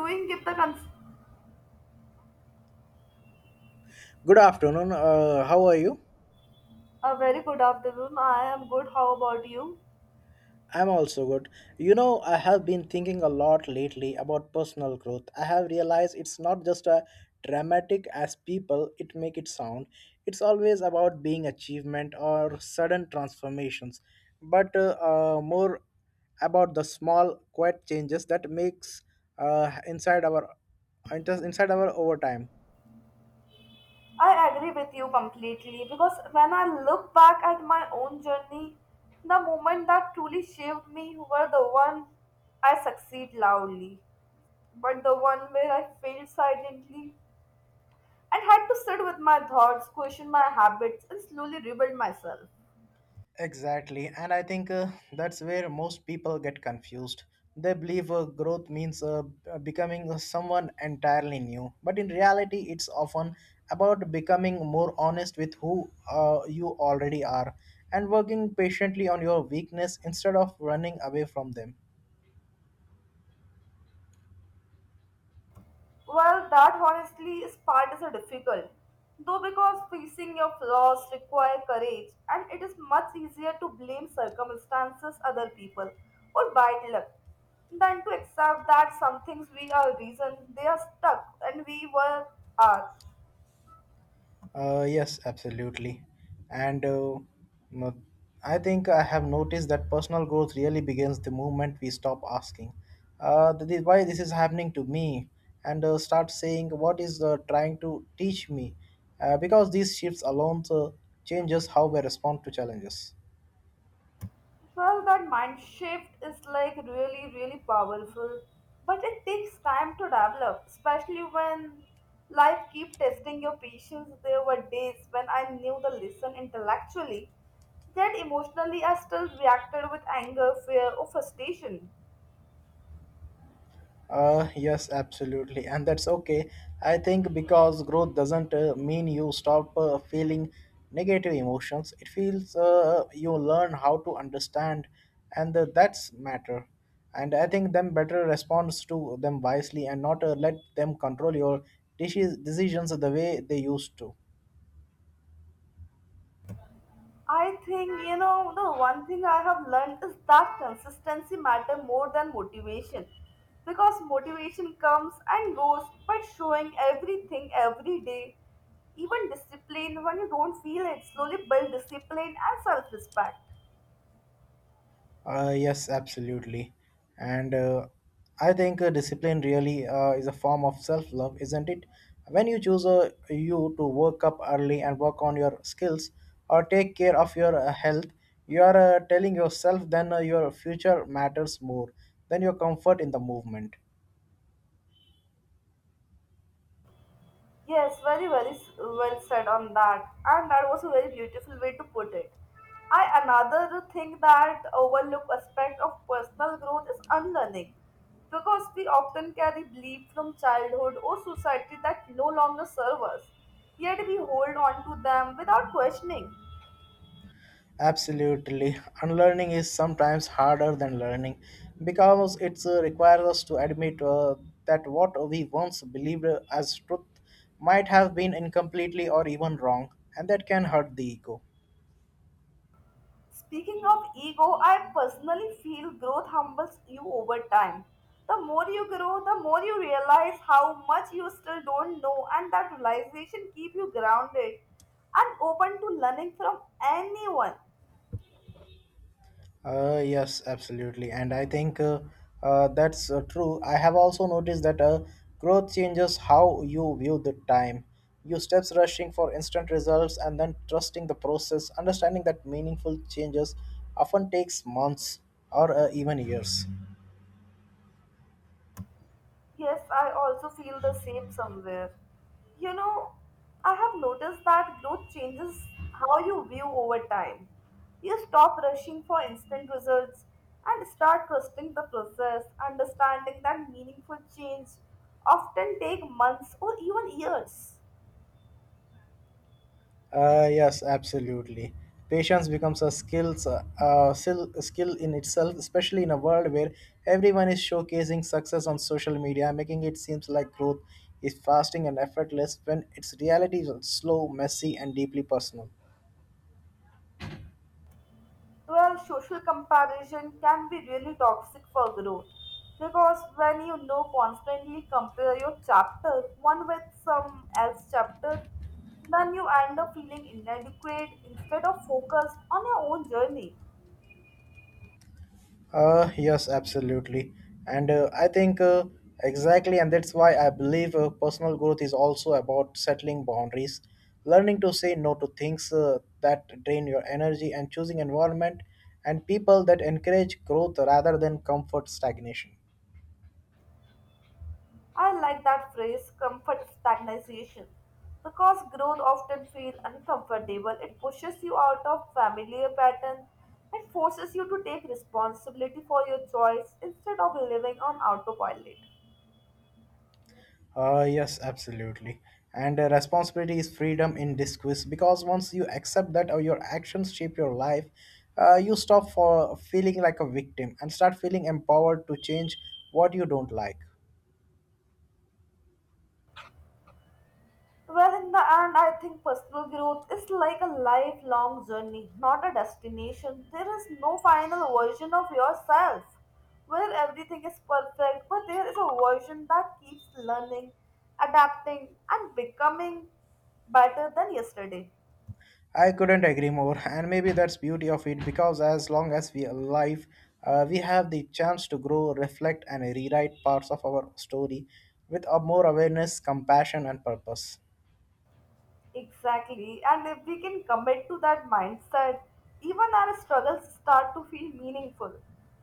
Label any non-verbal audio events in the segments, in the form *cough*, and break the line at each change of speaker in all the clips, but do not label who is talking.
Doing give the cons-
Good afternoon. How are you?
A very good afternoon. I am good. How about you?
I'm also good. You know, I have been thinking a lot lately about personal growth. I have realized it's not just a dramatic as people it make it sound. It's always about being achievement or sudden transformations, but more about the small, quiet changes that makes uh, inside our inside our over time.
I agree with you completely because when I look back at my own journey, the moment that truly shaped me were the one I succeed loudly, but the one where I failed silently and had to sit with my thoughts, question my habits, and slowly rebuild myself.
Exactly, and I think that's where most people get confused. They believe growth means becoming someone entirely new, but in reality, it's often about becoming more honest with who you already are and working patiently on your weakness instead of running away from them.
Well, that honestly is part is a difficult, though because facing your flaws require courage, and it is much easier to blame circumstances, other people, or bad luck, than to accept that some things we are reason they are stuck and we were are.
Yes, absolutely. And no- I think I have noticed that personal growth really begins the moment we stop asking, why this is happening to me, and start saying, what is trying to teach me? Because these shifts alone changes how we respond to challenges.
Well, that mind shift is like really, really powerful, but it takes time to develop, especially when life keep testing your patience. There were days when I knew the lesson intellectually, yet emotionally I still reacted with anger, fear, or frustration.
Yes, absolutely, and that's okay. I think because growth doesn't mean you stop feeling negative emotions. It feels you learn how to understand, and that's matter. And I think them better responds to them wisely and not let them control your decisions the way they used to.
I think, you know, the one thing I have learned is that consistency matter more than motivation. Because motivation comes and goes, but showing everything every day, even discipline when you don't feel it, slowly build discipline and self-respect.
Yes, absolutely. And I think discipline really is a form of self love, isn't it? When you choose you to wake up early and work on your skills or take care of your health, you are telling yourself then your future matters more than your comfort in the movement.
Yes, very, very well said on that. And that was a very beautiful way to put it. I another thing that overlooked aspect of personal growth is unlearning. Because we often carry beliefs from childhood or society that no longer serve us, yet we hold on to them without questioning.
Absolutely. Unlearning is sometimes harder than learning because it requires us to admit that what we once believed as truth might have been incompletely or even wrong, and that can hurt the ego.
Speaking of ego, I personally feel growth humbles you over time. The more you grow, the more you realize how much you still don't know, and that realization keep you grounded and open to learning from anyone.
Yes, absolutely. And I think that's true. I have also noticed that growth changes how you view the time. You steps rushing for instant results and then trusting the process, understanding that meaningful changes often takes months or even years.
Yes, I also feel the same somewhere. You know, I have noticed that growth changes how you view over time. You stop rushing for instant results and start trusting the process, understanding that meaningful change often take months or even years.
Yes, absolutely. Patience becomes a skills, skill in itself, especially in a world where everyone is showcasing success on social media, making it seems like growth is fasting and effortless when its reality is slow, messy, and deeply personal.
Well, social comparison can be really toxic for growth because when you know constantly compare your chapter one with some else chapter, then you end up feeling inadequate instead of focused on your own journey.
Yes, absolutely. And I think Exactly, and that's why I believe personal growth is also about settling boundaries, learning to say no to things that drain your energy, and choosing environment and people that encourage growth rather than comfort stagnation.
I like that phrase, comfort stagnation, because growth often feels uncomfortable. It pushes you out of familiar pattern and forces you to take responsibility for your choice instead of living on autopilot.
Yes, absolutely. And Responsibility is freedom in disguise because once you accept that your actions shape your life, you stop for feeling like a victim and start feeling empowered to change what you don't like.
Well, in the end, I think personal growth is like a lifelong journey, not a destination. There is no final version of yourself where everything is perfect, but there is a version that keeps learning, adapting, and becoming better than yesterday.
I couldn't agree more, *laughs* and maybe that's beauty of it because as long as we are alive, we have the chance to grow, reflect, and rewrite parts of our story with a more awareness, compassion, and purpose.
Exactly. And if we can commit to that mindset, even our struggles start to feel meaningful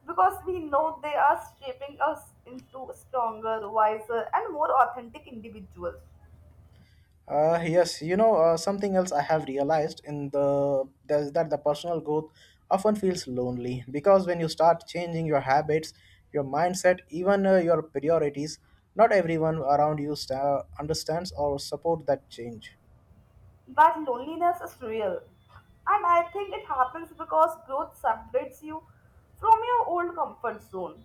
because we know they are shaping us into stronger, wiser, and more authentic individuals.
Yes, you know, something else I have realized in the there's that the personal growth often feels lonely because when you start changing your habits, your mindset, even your priorities, not everyone around you sta understands or support that change.
That loneliness is real. And I think it happens because growth separates you from your old comfort zone,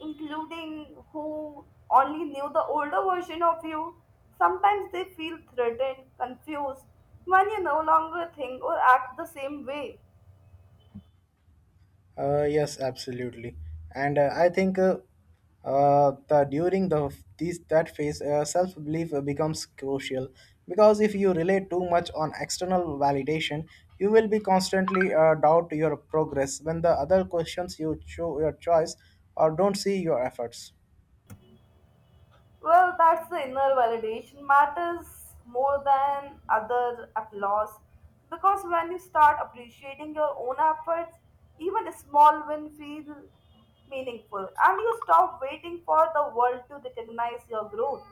including who only knew the older version of you. Sometimes they feel threatened, confused when you no longer think or act the same way.
Yes, absolutely. And I think the during the these that phase, self belief becomes crucial because if you rely too much on external validation, you will be constantly doubt your progress when the other questions you show your choice or don't see your efforts.
Well, that's the inner validation matters more than other applause because when you start appreciating your own efforts, even a small win feels meaningful and you stop waiting for the world to recognize your growth.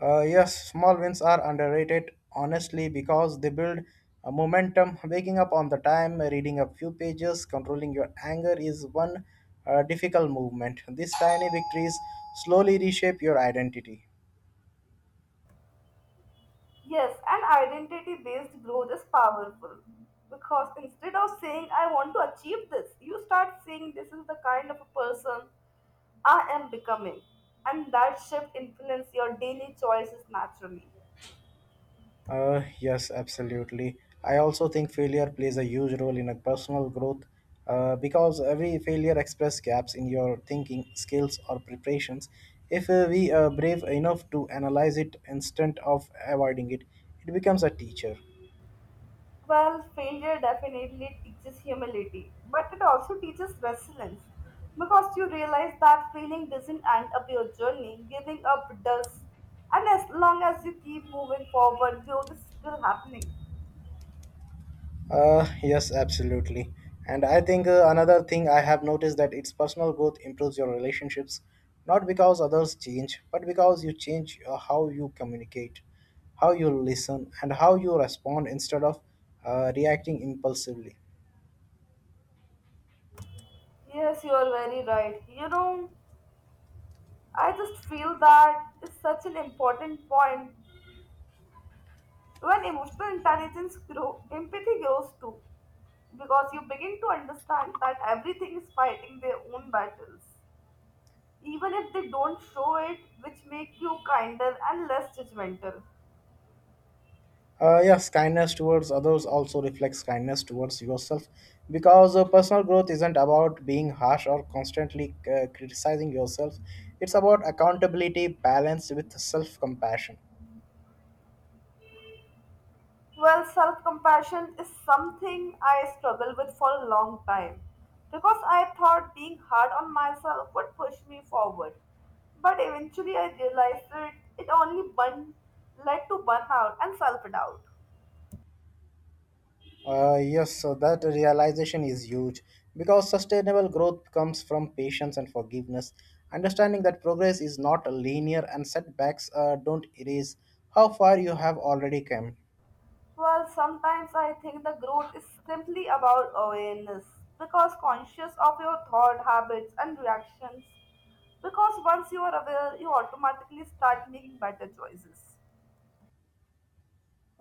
Yes, small wins are underrated, honestly, because they build a momentum. Waking up on the time, reading a few pages, controlling your anger is one difficult movement. These tiny victories slowly reshape your identity.
Yes, and identity based growth is powerful because instead of saying, I want to achieve this, you start saying, This is the kind of a person I am becoming. And that shift influences your daily choices naturally.
Yes, absolutely. I also think failure plays a huge role in a personal growth because every failure expresses gaps in your thinking, skills, or preparations. If we are brave enough to analyze it instead of avoiding it, it becomes a teacher.
Well, failure definitely teaches humility, but it also teaches resilience because you realize that failing doesn't end up your journey, giving up does. And as long as you keep moving forward, growth is still happening.
Yes, absolutely. And I think another thing I have noticed that it's personal growth improves your relationships, not because others change, but because you change how you communicate, how you listen, and how you respond instead of reacting impulsively.
Yes, you are very right. You know, I just feel that is such an important point. When emotional intelligence grow, empathy grows too, because you begin to understand that everything is fighting their own battles, even if they don't show it, which make you kinder and less judgmental.
Yes, kindness towards others also reflects kindness towards yourself because personal growth isn't about being harsh or constantly criticizing yourself. It's about accountability balanced with self compassion.
Well, self compassion is something I struggled with for a long time because I thought being hard on myself would push me forward. But eventually, I realized that it only led to burnout and self doubt.
Yes, so that realization is huge because sustainable growth comes from patience and forgiveness. Understanding that progress is not linear and setbacks don't erase how far you have already come.
Well, sometimes I think the growth is simply about awareness because conscious of your thought habits and reactions. Because once you are aware, you automatically start making better choices.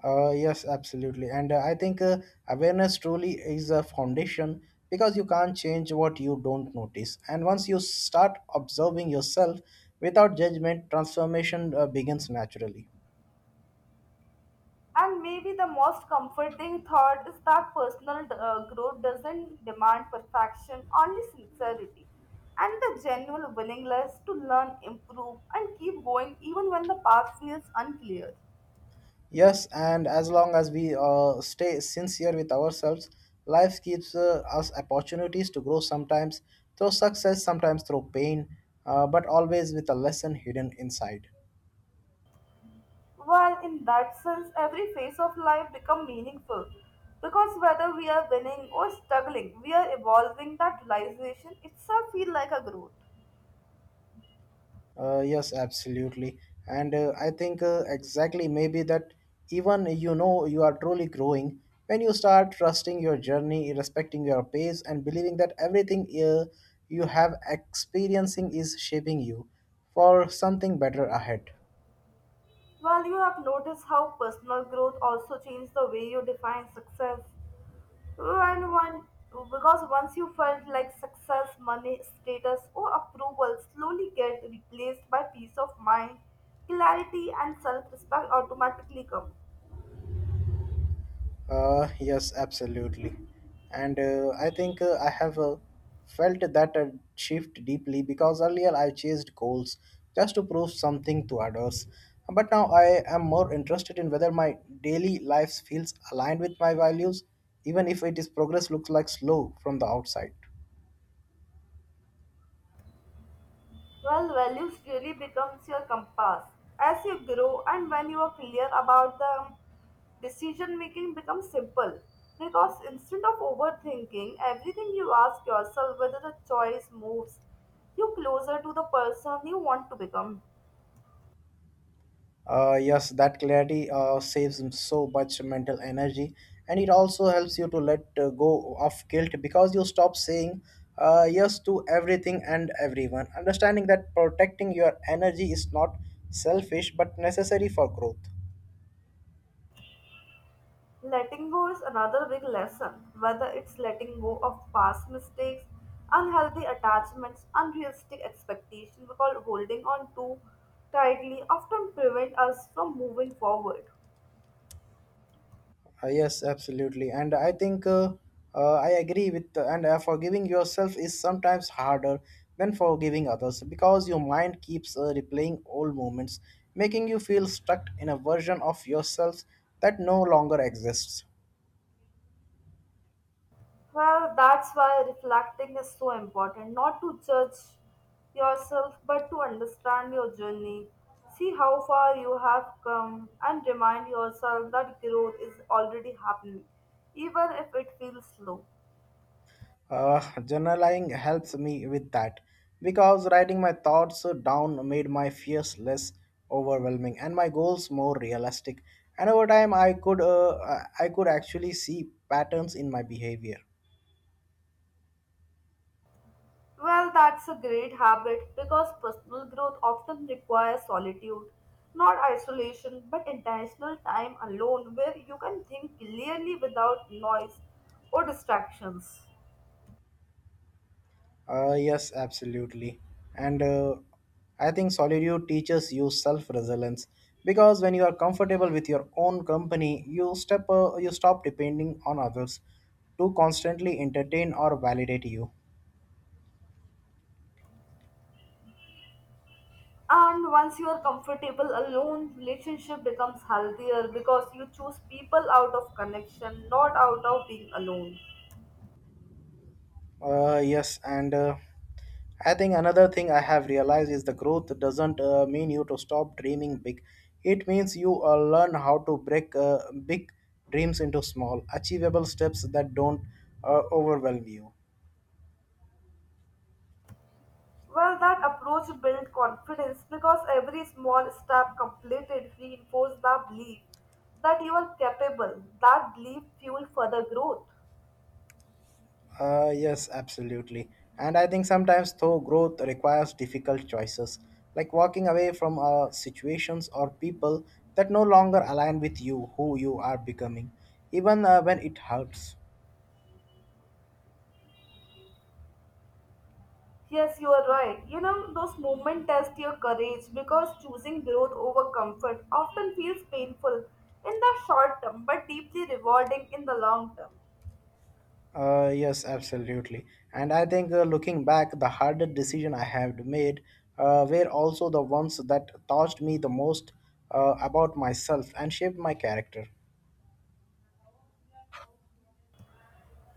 Yes, absolutely. And I think Awareness truly is a foundation because you can't change what you don't notice. And once you start observing yourself without judgment, transformation begins naturally.
And maybe the most comforting thought is that personal growth doesn't demand perfection, only sincerity and the genuine willingness to learn, improve, and keep going even when the path feels unclear.
Yes, and as long as we stay sincere with ourselves, life gives us opportunities to grow sometimes through success, sometimes through pain, but always with a lesson hidden inside.
Well, in that sense, every phase of life becomes meaningful because whether we are winning or struggling, we are evolving. That realization itself feels like a growth.
Yes, absolutely. And I think Exactly maybe that even you know you are truly growing when you start trusting your journey, respecting your pace, and believing that everything you have experiencing is shaping you for something better ahead.
Well, you have noticed how personal growth also changes the way you define success. And one because once you felt like success, money, status, or approval slowly get replaced by peace of mind, clarity, and self-respect automatically come.
Yes, absolutely. And I think I have felt that shift deeply because earlier I chased goals just to prove something to others. But now I am more interested in whether my daily life feels aligned with my values, even if it is progress looks like slow from the outside.
Well, values really becomes your compass as you grow, and when you are clear about them, decision making becomes simple because instead of overthinking everything you ask yourself whether a choice moves you closer to the person you want to become.
Yes, that clarity saves so much mental energy, and it also helps you to let go of guilt because you stop saying yes to everything and everyone. Understanding that protecting your energy is not selfish but necessary for growth.
Letting go is another big lesson, whether it's letting go of past mistakes, unhealthy attachments, unrealistic expectations, because holding on too tightly often prevent us from moving forward.
Yes, absolutely. And I agree with, and forgiving yourself is sometimes harder than forgiving others because your mind keeps replaying old moments, making you feel stuck in a version of yourself that no longer exists.
Well, that's why reflecting is so important, not to judge yourself, but to understand your journey. See how far you have come and remind yourself that growth is already happening, even if it feels slow.
Journaling helps me with that because writing my thoughts down made my fears less overwhelming and my goals more realistic. And over time, I could actually see patterns in my behavior.
Well, that's a great habit because personal growth often requires solitude, not isolation, but intentional time alone where you can think clearly without noise or distractions.
Yes, absolutely. And I think solitude teaches you self resilience because when you are comfortable with your own company, you stop depending on others to constantly entertain or validate you.
And once you are comfortable alone, relationship becomes healthier because you choose people out of connection, not out of being alone.
Yes, and I think another thing I have realized is the growth doesn't mean you to stop dreaming big. It means you learn how to break big dreams into small, achievable steps that don't overwhelm you.
Well, that approach built confidence because every small step completed reinforced the belief that you are capable. That belief fueled further growth.
Yes, absolutely. And I think sometimes, though, growth requires difficult choices, like walking away from situations or people that no longer align with you, who you are becoming, even when it hurts.
Yes, you are right. You know, those moments test your courage because choosing growth over comfort often feels painful in the short term but deeply rewarding in the long term.
Yes, absolutely. And I think looking back, the hardest decision I have made were also the ones that taught me the most about myself and shaped my character.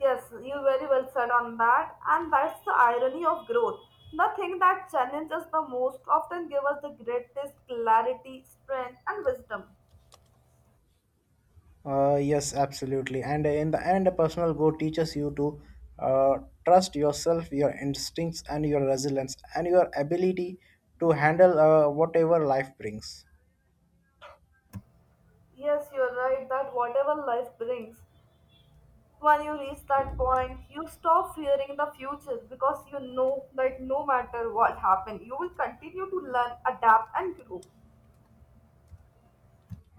Yes, you very well said on that, and that's the irony of growth. The thing that challenges the most often gives us the greatest clarity, strength, and wisdom.
Yes, absolutely. And in the end, a personal growth teaches you to uh, trust yourself, your instincts, and your resilience, and your ability to handle whatever life brings.
Yes, you're right that whatever life brings, when you reach that point, you stop fearing the future because you know that no matter what happens, you will continue to learn, adapt, and grow.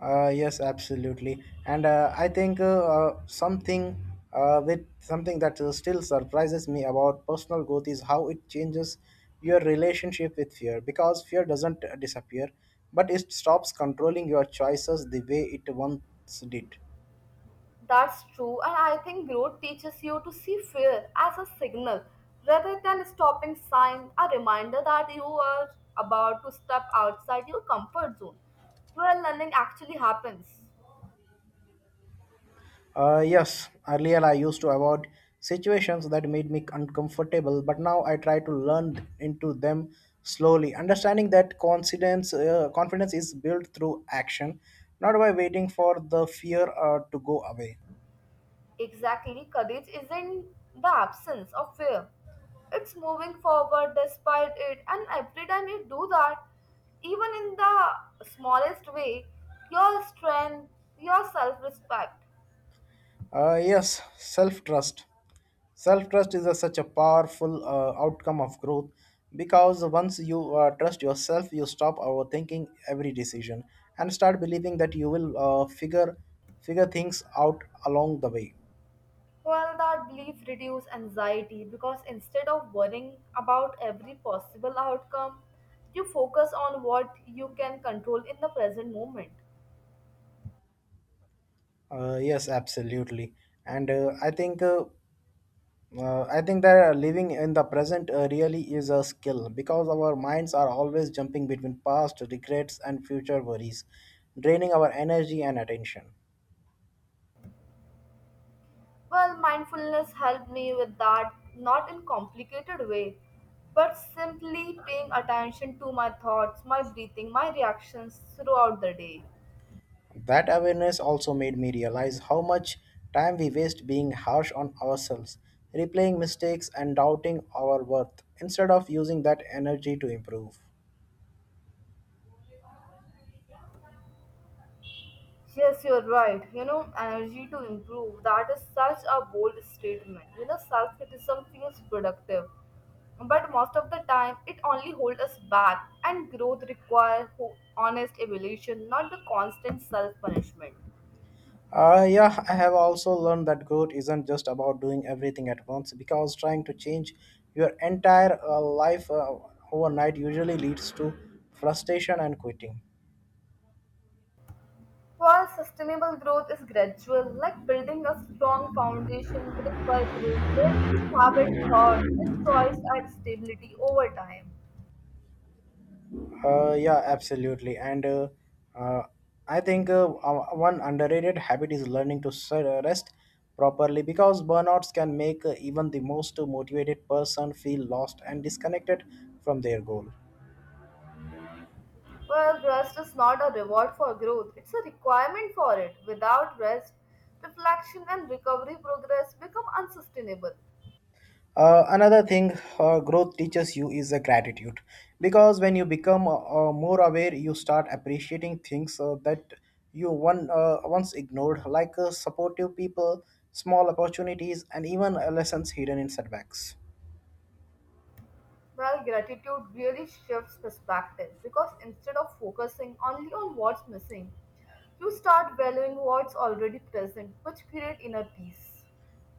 Yes, absolutely. And I think something with something that still surprises me about personal growth is how it changes your relationship with fear because fear doesn't disappear, but it stops controlling your choices the way it once did.
That's true, and I think growth teaches you to see fear as a signal rather than a stopping sign, a reminder that you are about to step outside your comfort zone, where learning actually happens.
Yes, earlier I used to avoid situations that made me uncomfortable, but now I try to learn into them slowly, understanding that confidence is built through action, not by waiting for the fear to go away.
Exactly, courage isn't the absence of fear, it's moving forward despite it, and every time you do that, even in the smallest way, your strength, your self respect.
Yes, self trust. Self trust is a, such a powerful outcome of growth because once you trust yourself, you stop overthinking every decision and start believing that you will figure figure things out along the way.
Well, that belief reduces anxiety because instead of worrying about every possible outcome, you focus on what you can control in the present moment.
Yes, absolutely. And I think that living in the present really is a skill because our minds are always jumping between past regrets and future worries, draining our energy and attention.
Well, mindfulness helped me with that, not in complicated way, but simply paying attention to my thoughts, my breathing, my reactions throughout the day.
That awareness also made me realize how much time we waste being harsh on ourselves, replaying mistakes, and doubting our worth instead of using that energy to improve.
Yes, you're right. You know, energy to improve. That is such a bold statement. You know, self criticism feels productive, but most of the time it only holds us back, and growth requires honest evaluation, not the constant self punishment.
Yeah, I have also learned that growth isn't just about doing everything at once because trying to change your entire life overnight usually leads to frustration and quitting.
While sustainable growth is gradual, like building a strong foundation brick by brick, where each habit, thought, and choice adds stability over time.
Yeah, absolutely. And uh, I think one underrated habit is learning to rest properly because burnouts can make even the most motivated person feel lost and disconnected from their goal.
Well, rest is not a reward for growth, it's a requirement for it. Without rest, reflection and recovery progress become unsustainable.
Another thing growth teaches you is a gratitude because when you become more aware, you start appreciating things that you once ignored, like supportive people, small opportunities, and even lessons hidden in setbacks.
Well, gratitude really shifts perspective because instead of focusing only on what's missing, you start valuing what's already present, which create inner peace.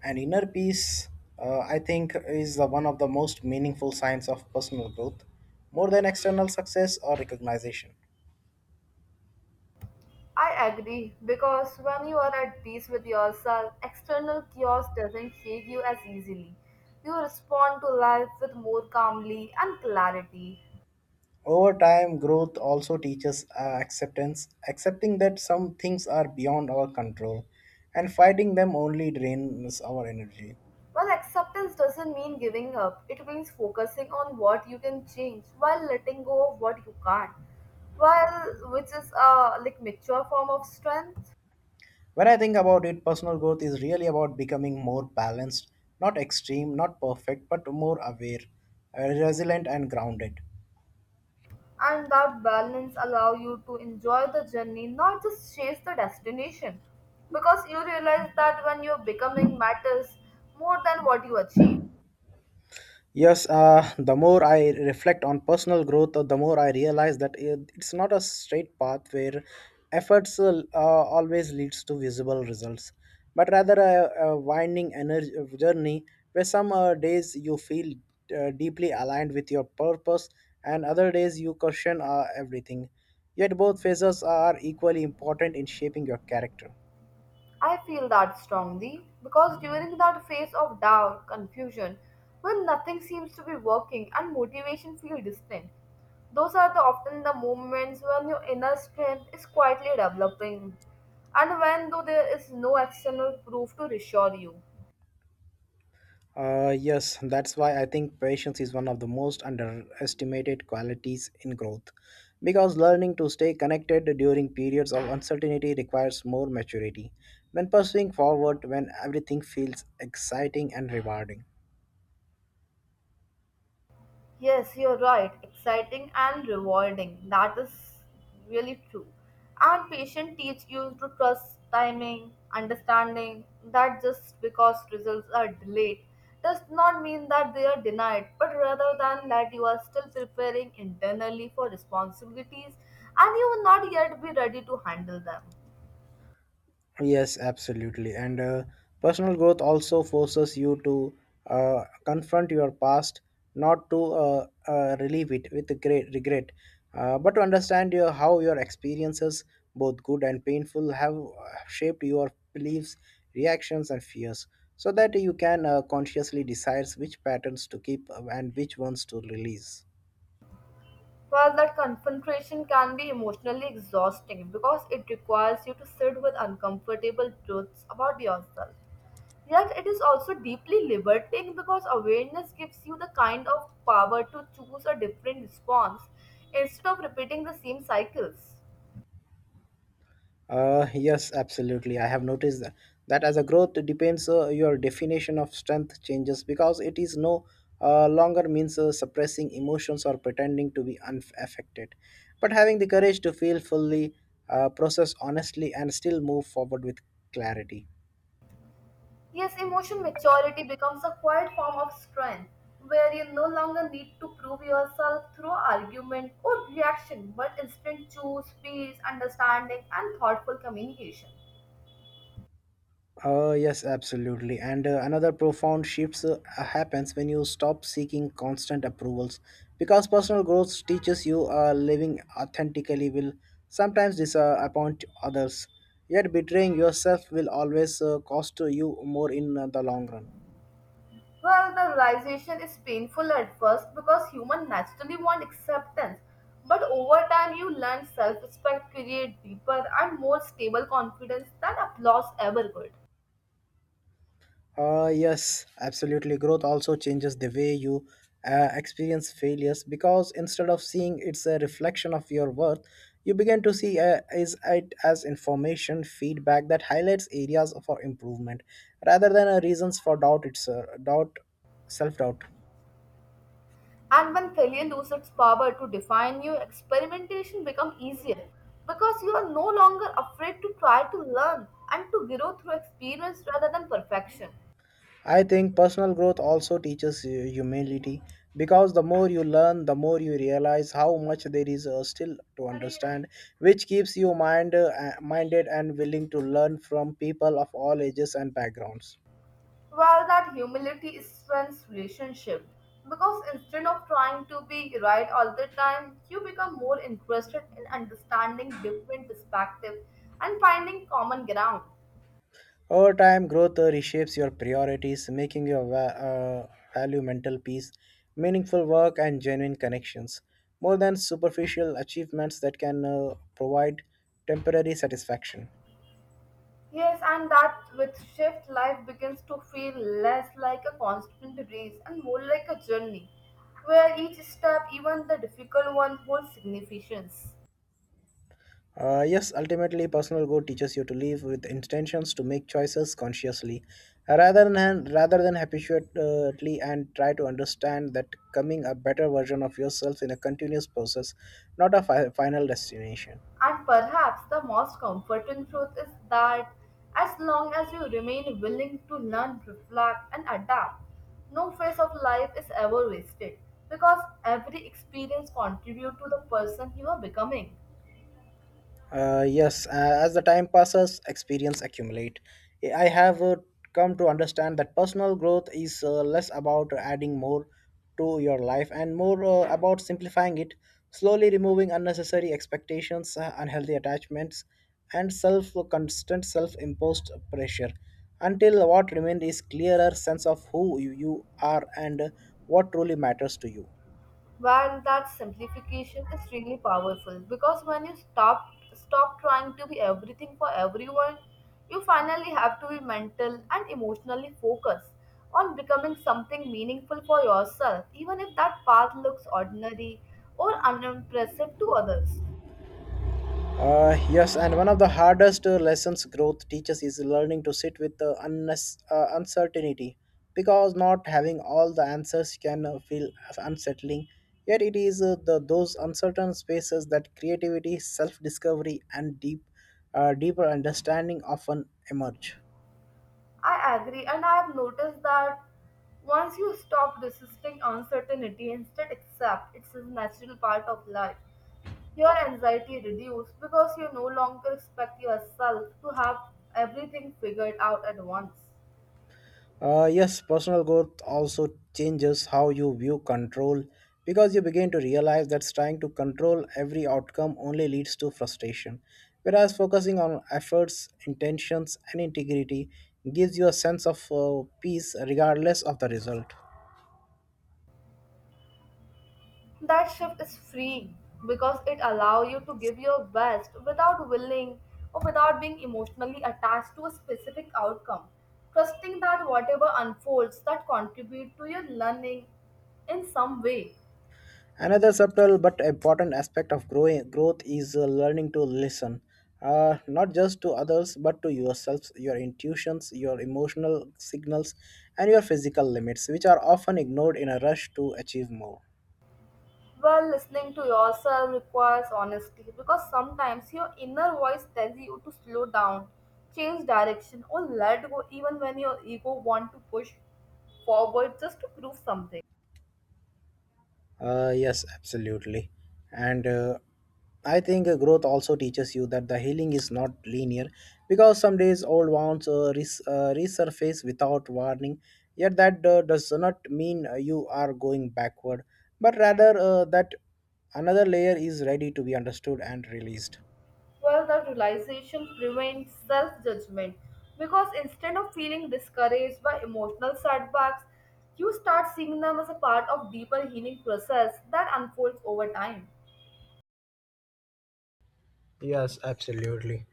And inner peace I think is the one of the most meaningful signs of personal growth, more than external success or recognition.
I agree because when you are at peace with yourself, external chaos doesn't shake you as easily. You respond to life with more calmly and clarity.
Over time growth also teaches acceptance, accepting that some things are beyond our control and fighting them only drains our energy.
Well, acceptance doesn't mean giving up. It means focusing on what you can change while letting go of what you can't. Well, which is a like mature form of strength,
When I think about it, personal growth is really about becoming more balanced, not extreme, not perfect, but more aware, resilient, and grounded.
and that balance allow you to enjoy the journey, not just chase the destination, because you realize that when your becoming matters more than what you achieve.
Yes, the more I reflect on personal growth, the more I realize that it's not a straight path where efforts always leads to visible results, but rather a winding energy journey where some days you feel deeply aligned with your purpose and other days you question everything. Yet both phases are equally important in shaping your character.
I feel that strongly because during that phase of doubt, confusion, when nothing seems to be working and motivation feels distant, those are the, often the moments when your inner strength is quietly developing and when though there is no external proof to reassure you.
Yes, that's why I think patience is one of the most underestimated qualities in growth, because learning to stay connected during periods of uncertainty requires more maturity than pursuing forward when everything feels exciting and rewarding.
Yes, you're right. Exciting and rewarding. That is really true. And patient teach you to trust timing, understanding that just because results are delayed does not mean that they are denied, but rather than that you are still preparing internally for responsibilities and you will not yet be ready to handle them.
Yes, absolutely. And personal growth also forces you to confront your past, not to relieve it with great regret, but to understand your, how your experiences, both good and painful, have shaped your beliefs, reactions, and fears, so that you can consciously decide which patterns to keep and which ones to release.
Well, that confrontation can be emotionally exhausting because it requires you to sit with uncomfortable truths about yourself. Yet, it is also deeply liberating because awareness gives you the kind of power to choose a different response instead of repeating the same cycles.
Yes, absolutely. I have noticed that, that as a growth depends your definition of strength changes because it is no longer means suppressing emotions or pretending to be unaffected, but having the courage to feel fully, process honestly, and still move forward with clarity.
Yes, emotion maturity becomes a quiet form of strength where you no longer need to prove yourself through argument or reaction but instead choose peace, understanding, and thoughtful communication.
Yes, absolutely. And another profound shift happens when you stop seeking constant approvals because personal growth teaches you living authentically will sometimes disappoint others, yet betraying yourself will always cost you more in the long run.
Well, the realization is painful at first because humans naturally want acceptance. But over time, you learn self respect, create deeper and more stable confidence than applause ever could.
Yes, absolutely. Growth also changes the way you experience failures because instead of seeing it's a reflection of your worth, you begin to see is it as information feedback that highlights areas for improvement rather than reasons for doubt. It's doubt, self doubt.
And when failure loses its power to define you, experimentation becomes easier because you are no longer afraid to try to learn and to grow through experience rather than perfection.
I think personal growth also teaches you humility because the more you learn, the more you realize how much there is still to understand, which keeps you minded and willing to learn from people of all ages and backgrounds.
Well, that humility strengthens relationship because instead of trying to be right all the time, you become more interested in understanding different perspectives and finding common ground.
Over time, growth reshapes your priorities, making your value mental peace, meaningful work, and genuine connections more than superficial achievements that can provide temporary satisfaction.
Yes, and that with shift, life begins to feel less like a constant race and more like a journey, where each step, even the difficult one, holds significance.
Yes, ultimately, personal growth teaches you to live with intentions, to make choices consciously, rather than habitually, and try to understand that coming a better version of yourself in a continuous process, not a final destination.
And perhaps the most comforting truth is that as long as you remain willing to learn, reflect, and adapt, no phase of life is ever wasted because every experience contributes to the person you are becoming.
Yes, as the time passes, experience accumulate. I have come to understand that personal growth is less about adding more to your life and more about simplifying it, slowly removing unnecessary expectations, unhealthy attachments, and self constant self-imposed pressure, until what remains is clearer sense of who you are and what truly matters to you.
Well, that simplification is really powerful because when you stop trying to be everything for everyone, you finally have to be mental and emotionally focused on becoming something meaningful for yourself, even if that path looks ordinary or unimpressive to others.
Yes, and one of the hardest lessons growth teaches is learning to sit with uncertainty because not having all the answers can feel as unsettling. Yet, it is those uncertain spaces that creativity, self discovery, and deeper understanding often emerge.
I agree, and I have noticed that once you stop resisting uncertainty, instead accept it's a natural part of life. Your anxiety reduces because you no longer expect yourself to have everything figured out at once.
Yes, personal growth also changes how you view control because you begin to realize that trying to control every outcome only leads to frustration, whereas focusing on efforts, intentions, and integrity gives you a sense of peace regardless of the result.
That shift is freeing because it allows you to give your best without willing or without being emotionally attached to a specific outcome. Trusting that whatever unfolds that contribute to your learning in some way.
Another subtle but important aspect of growth is learning to listen, not just to others but to yourselves, your intuitions, your emotional signals, and your physical limits, which are often ignored in a rush to achieve more.
Well, listening to yourself requires honesty because sometimes your inner voice tells you to slow down, change direction, or let go even when your ego wants to push forward just to prove something.
Yes, absolutely. And I think growth also teaches you that the healing is not linear because some days old wounds resurface without warning. Yet that does not mean you are going backward, but rather that another layer is ready to be understood and released.
Well, that realization prevents self judgment because instead of feeling discouraged by emotional setbacks, you start seeing them as a part of deeper healing process that unfolds over time.
Yes, absolutely.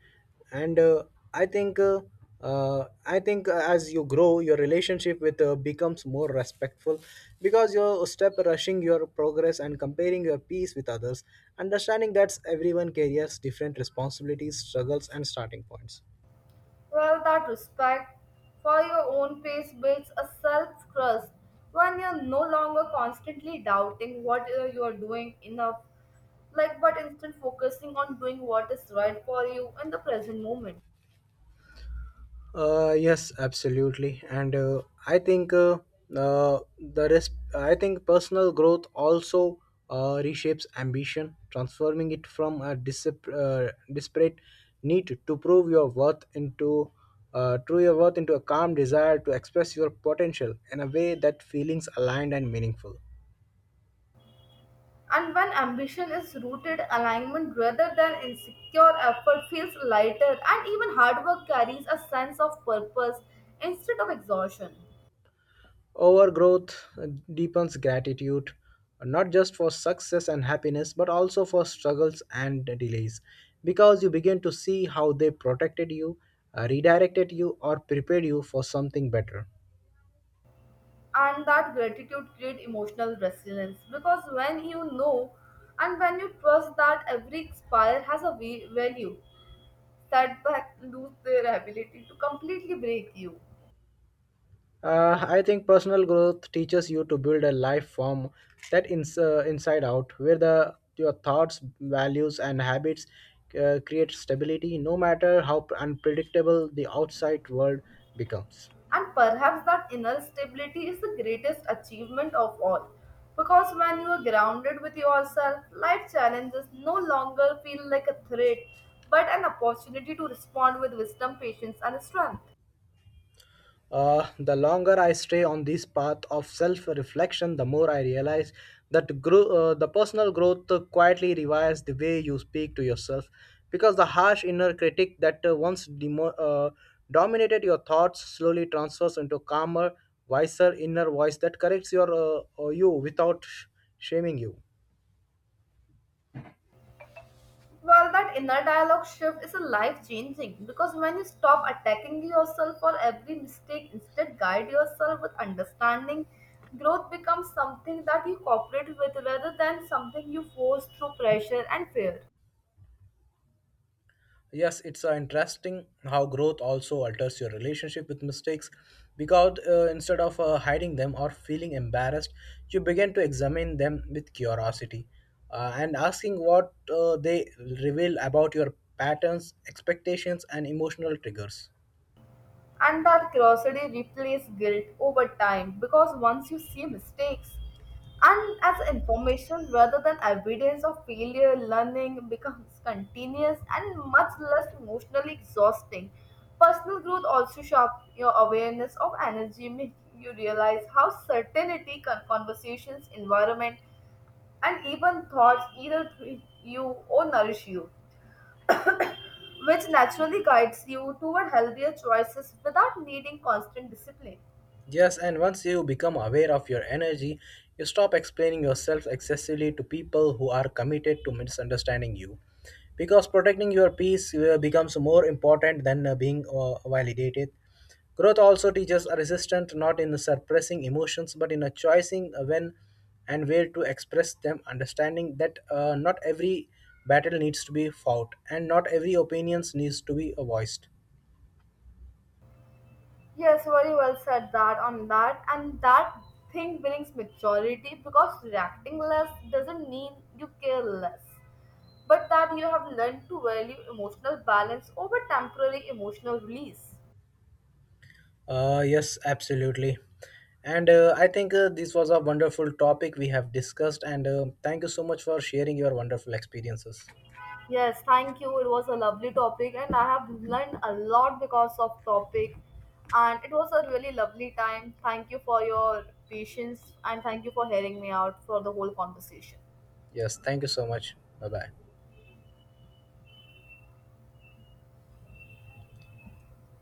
And I think uh, I think as you grow, your relationship with becomes more respectful because you stop rushing your progress and comparing your peace with others, understanding that everyone carries different responsibilities, struggles, and starting points.
Well, that respect for your own pace builds a self trust when you're no longer constantly doubting what you are doing enough, like but instead focusing on doing what is right for you in the present moment.
Yes, absolutely, and I think personal growth also reshapes ambition, transforming it from a disparate need to prove your worth into true your worth into a calm desire to express your potential in a way that feelings aligned and meaningful.
And when ambition is rooted alignment rather than insecure effort feels lighter and even hard work carries a sense of purpose instead of exhaustion.
Overgrowth deepens gratitude, not just for success and happiness, but also for struggles and delays, because you begin to see how they protected you, redirected you, or prepared you for something better.
And that gratitude creates emotional resilience because when you know and when you trust that every spire has a value, setback lose their ability to completely break you.
I think personal growth teaches you to build a life form that inside out, where the your thoughts, values, and habits create stability, no matter how unpredictable the outside world becomes.
And perhaps that inner stability is the greatest achievement of all because when you are grounded with yourself, life challenges no longer feel like a threat but an opportunity to respond with wisdom, patience, and strength.
The longer I stay on this path of self-reflection, the more I realize that the personal growth quietly revives the way you speak to yourself, because the harsh inner critic that once demo- dominated your thoughts slowly transfers into calmer, wiser inner voice that corrects your you without shaming you.
Well, that inner dialogue shift is a life changing because when you stop attacking yourself for every mistake, instead guide yourself with understanding, growth becomes something that you cooperate with rather than something you force through pressure and fear.
Yes, it's interesting how growth also alters your relationship with mistakes because instead of hiding them or feeling embarrassed, you begin to examine them with curiosity and asking what they reveal about your patterns, expectations, and emotional triggers.
And that curiosity replaces guilt over time because once you see mistakes and as information rather than evidence of failure, learning becomes continuous and much less emotionally exhausting. Personal growth also sharp your awareness of energy, making you realize how certainty, conversations, environment, and even thoughts either treat you or nourish you, which naturally guides you toward healthier choices without needing constant discipline.
Yes, and once you become aware of your energy, you stop explaining yourself excessively to people who are committed to misunderstanding you, because protecting your peace becomes more important than being validated. Growth also teaches a resistance, not in suppressing emotions but in a choosing when and where to express them, understanding that not every battle needs to be fought and not every opinion needs to be voiced.
Yes, very well said that on that, and that thing brings maturity because reacting less doesn't mean you care less, but that you have learned to value emotional balance over temporary emotional release.
Yes, absolutely. And I think this was a wonderful topic we have discussed. And thank you so much for sharing your wonderful experiences.
Yes, thank you. It was a lovely topic, and I have learned a lot because of topic, and it was a really lovely time. Thank you for your patience, and thank you for hearing me out for the whole conversation.
Yes, thank you so much. Bye bye.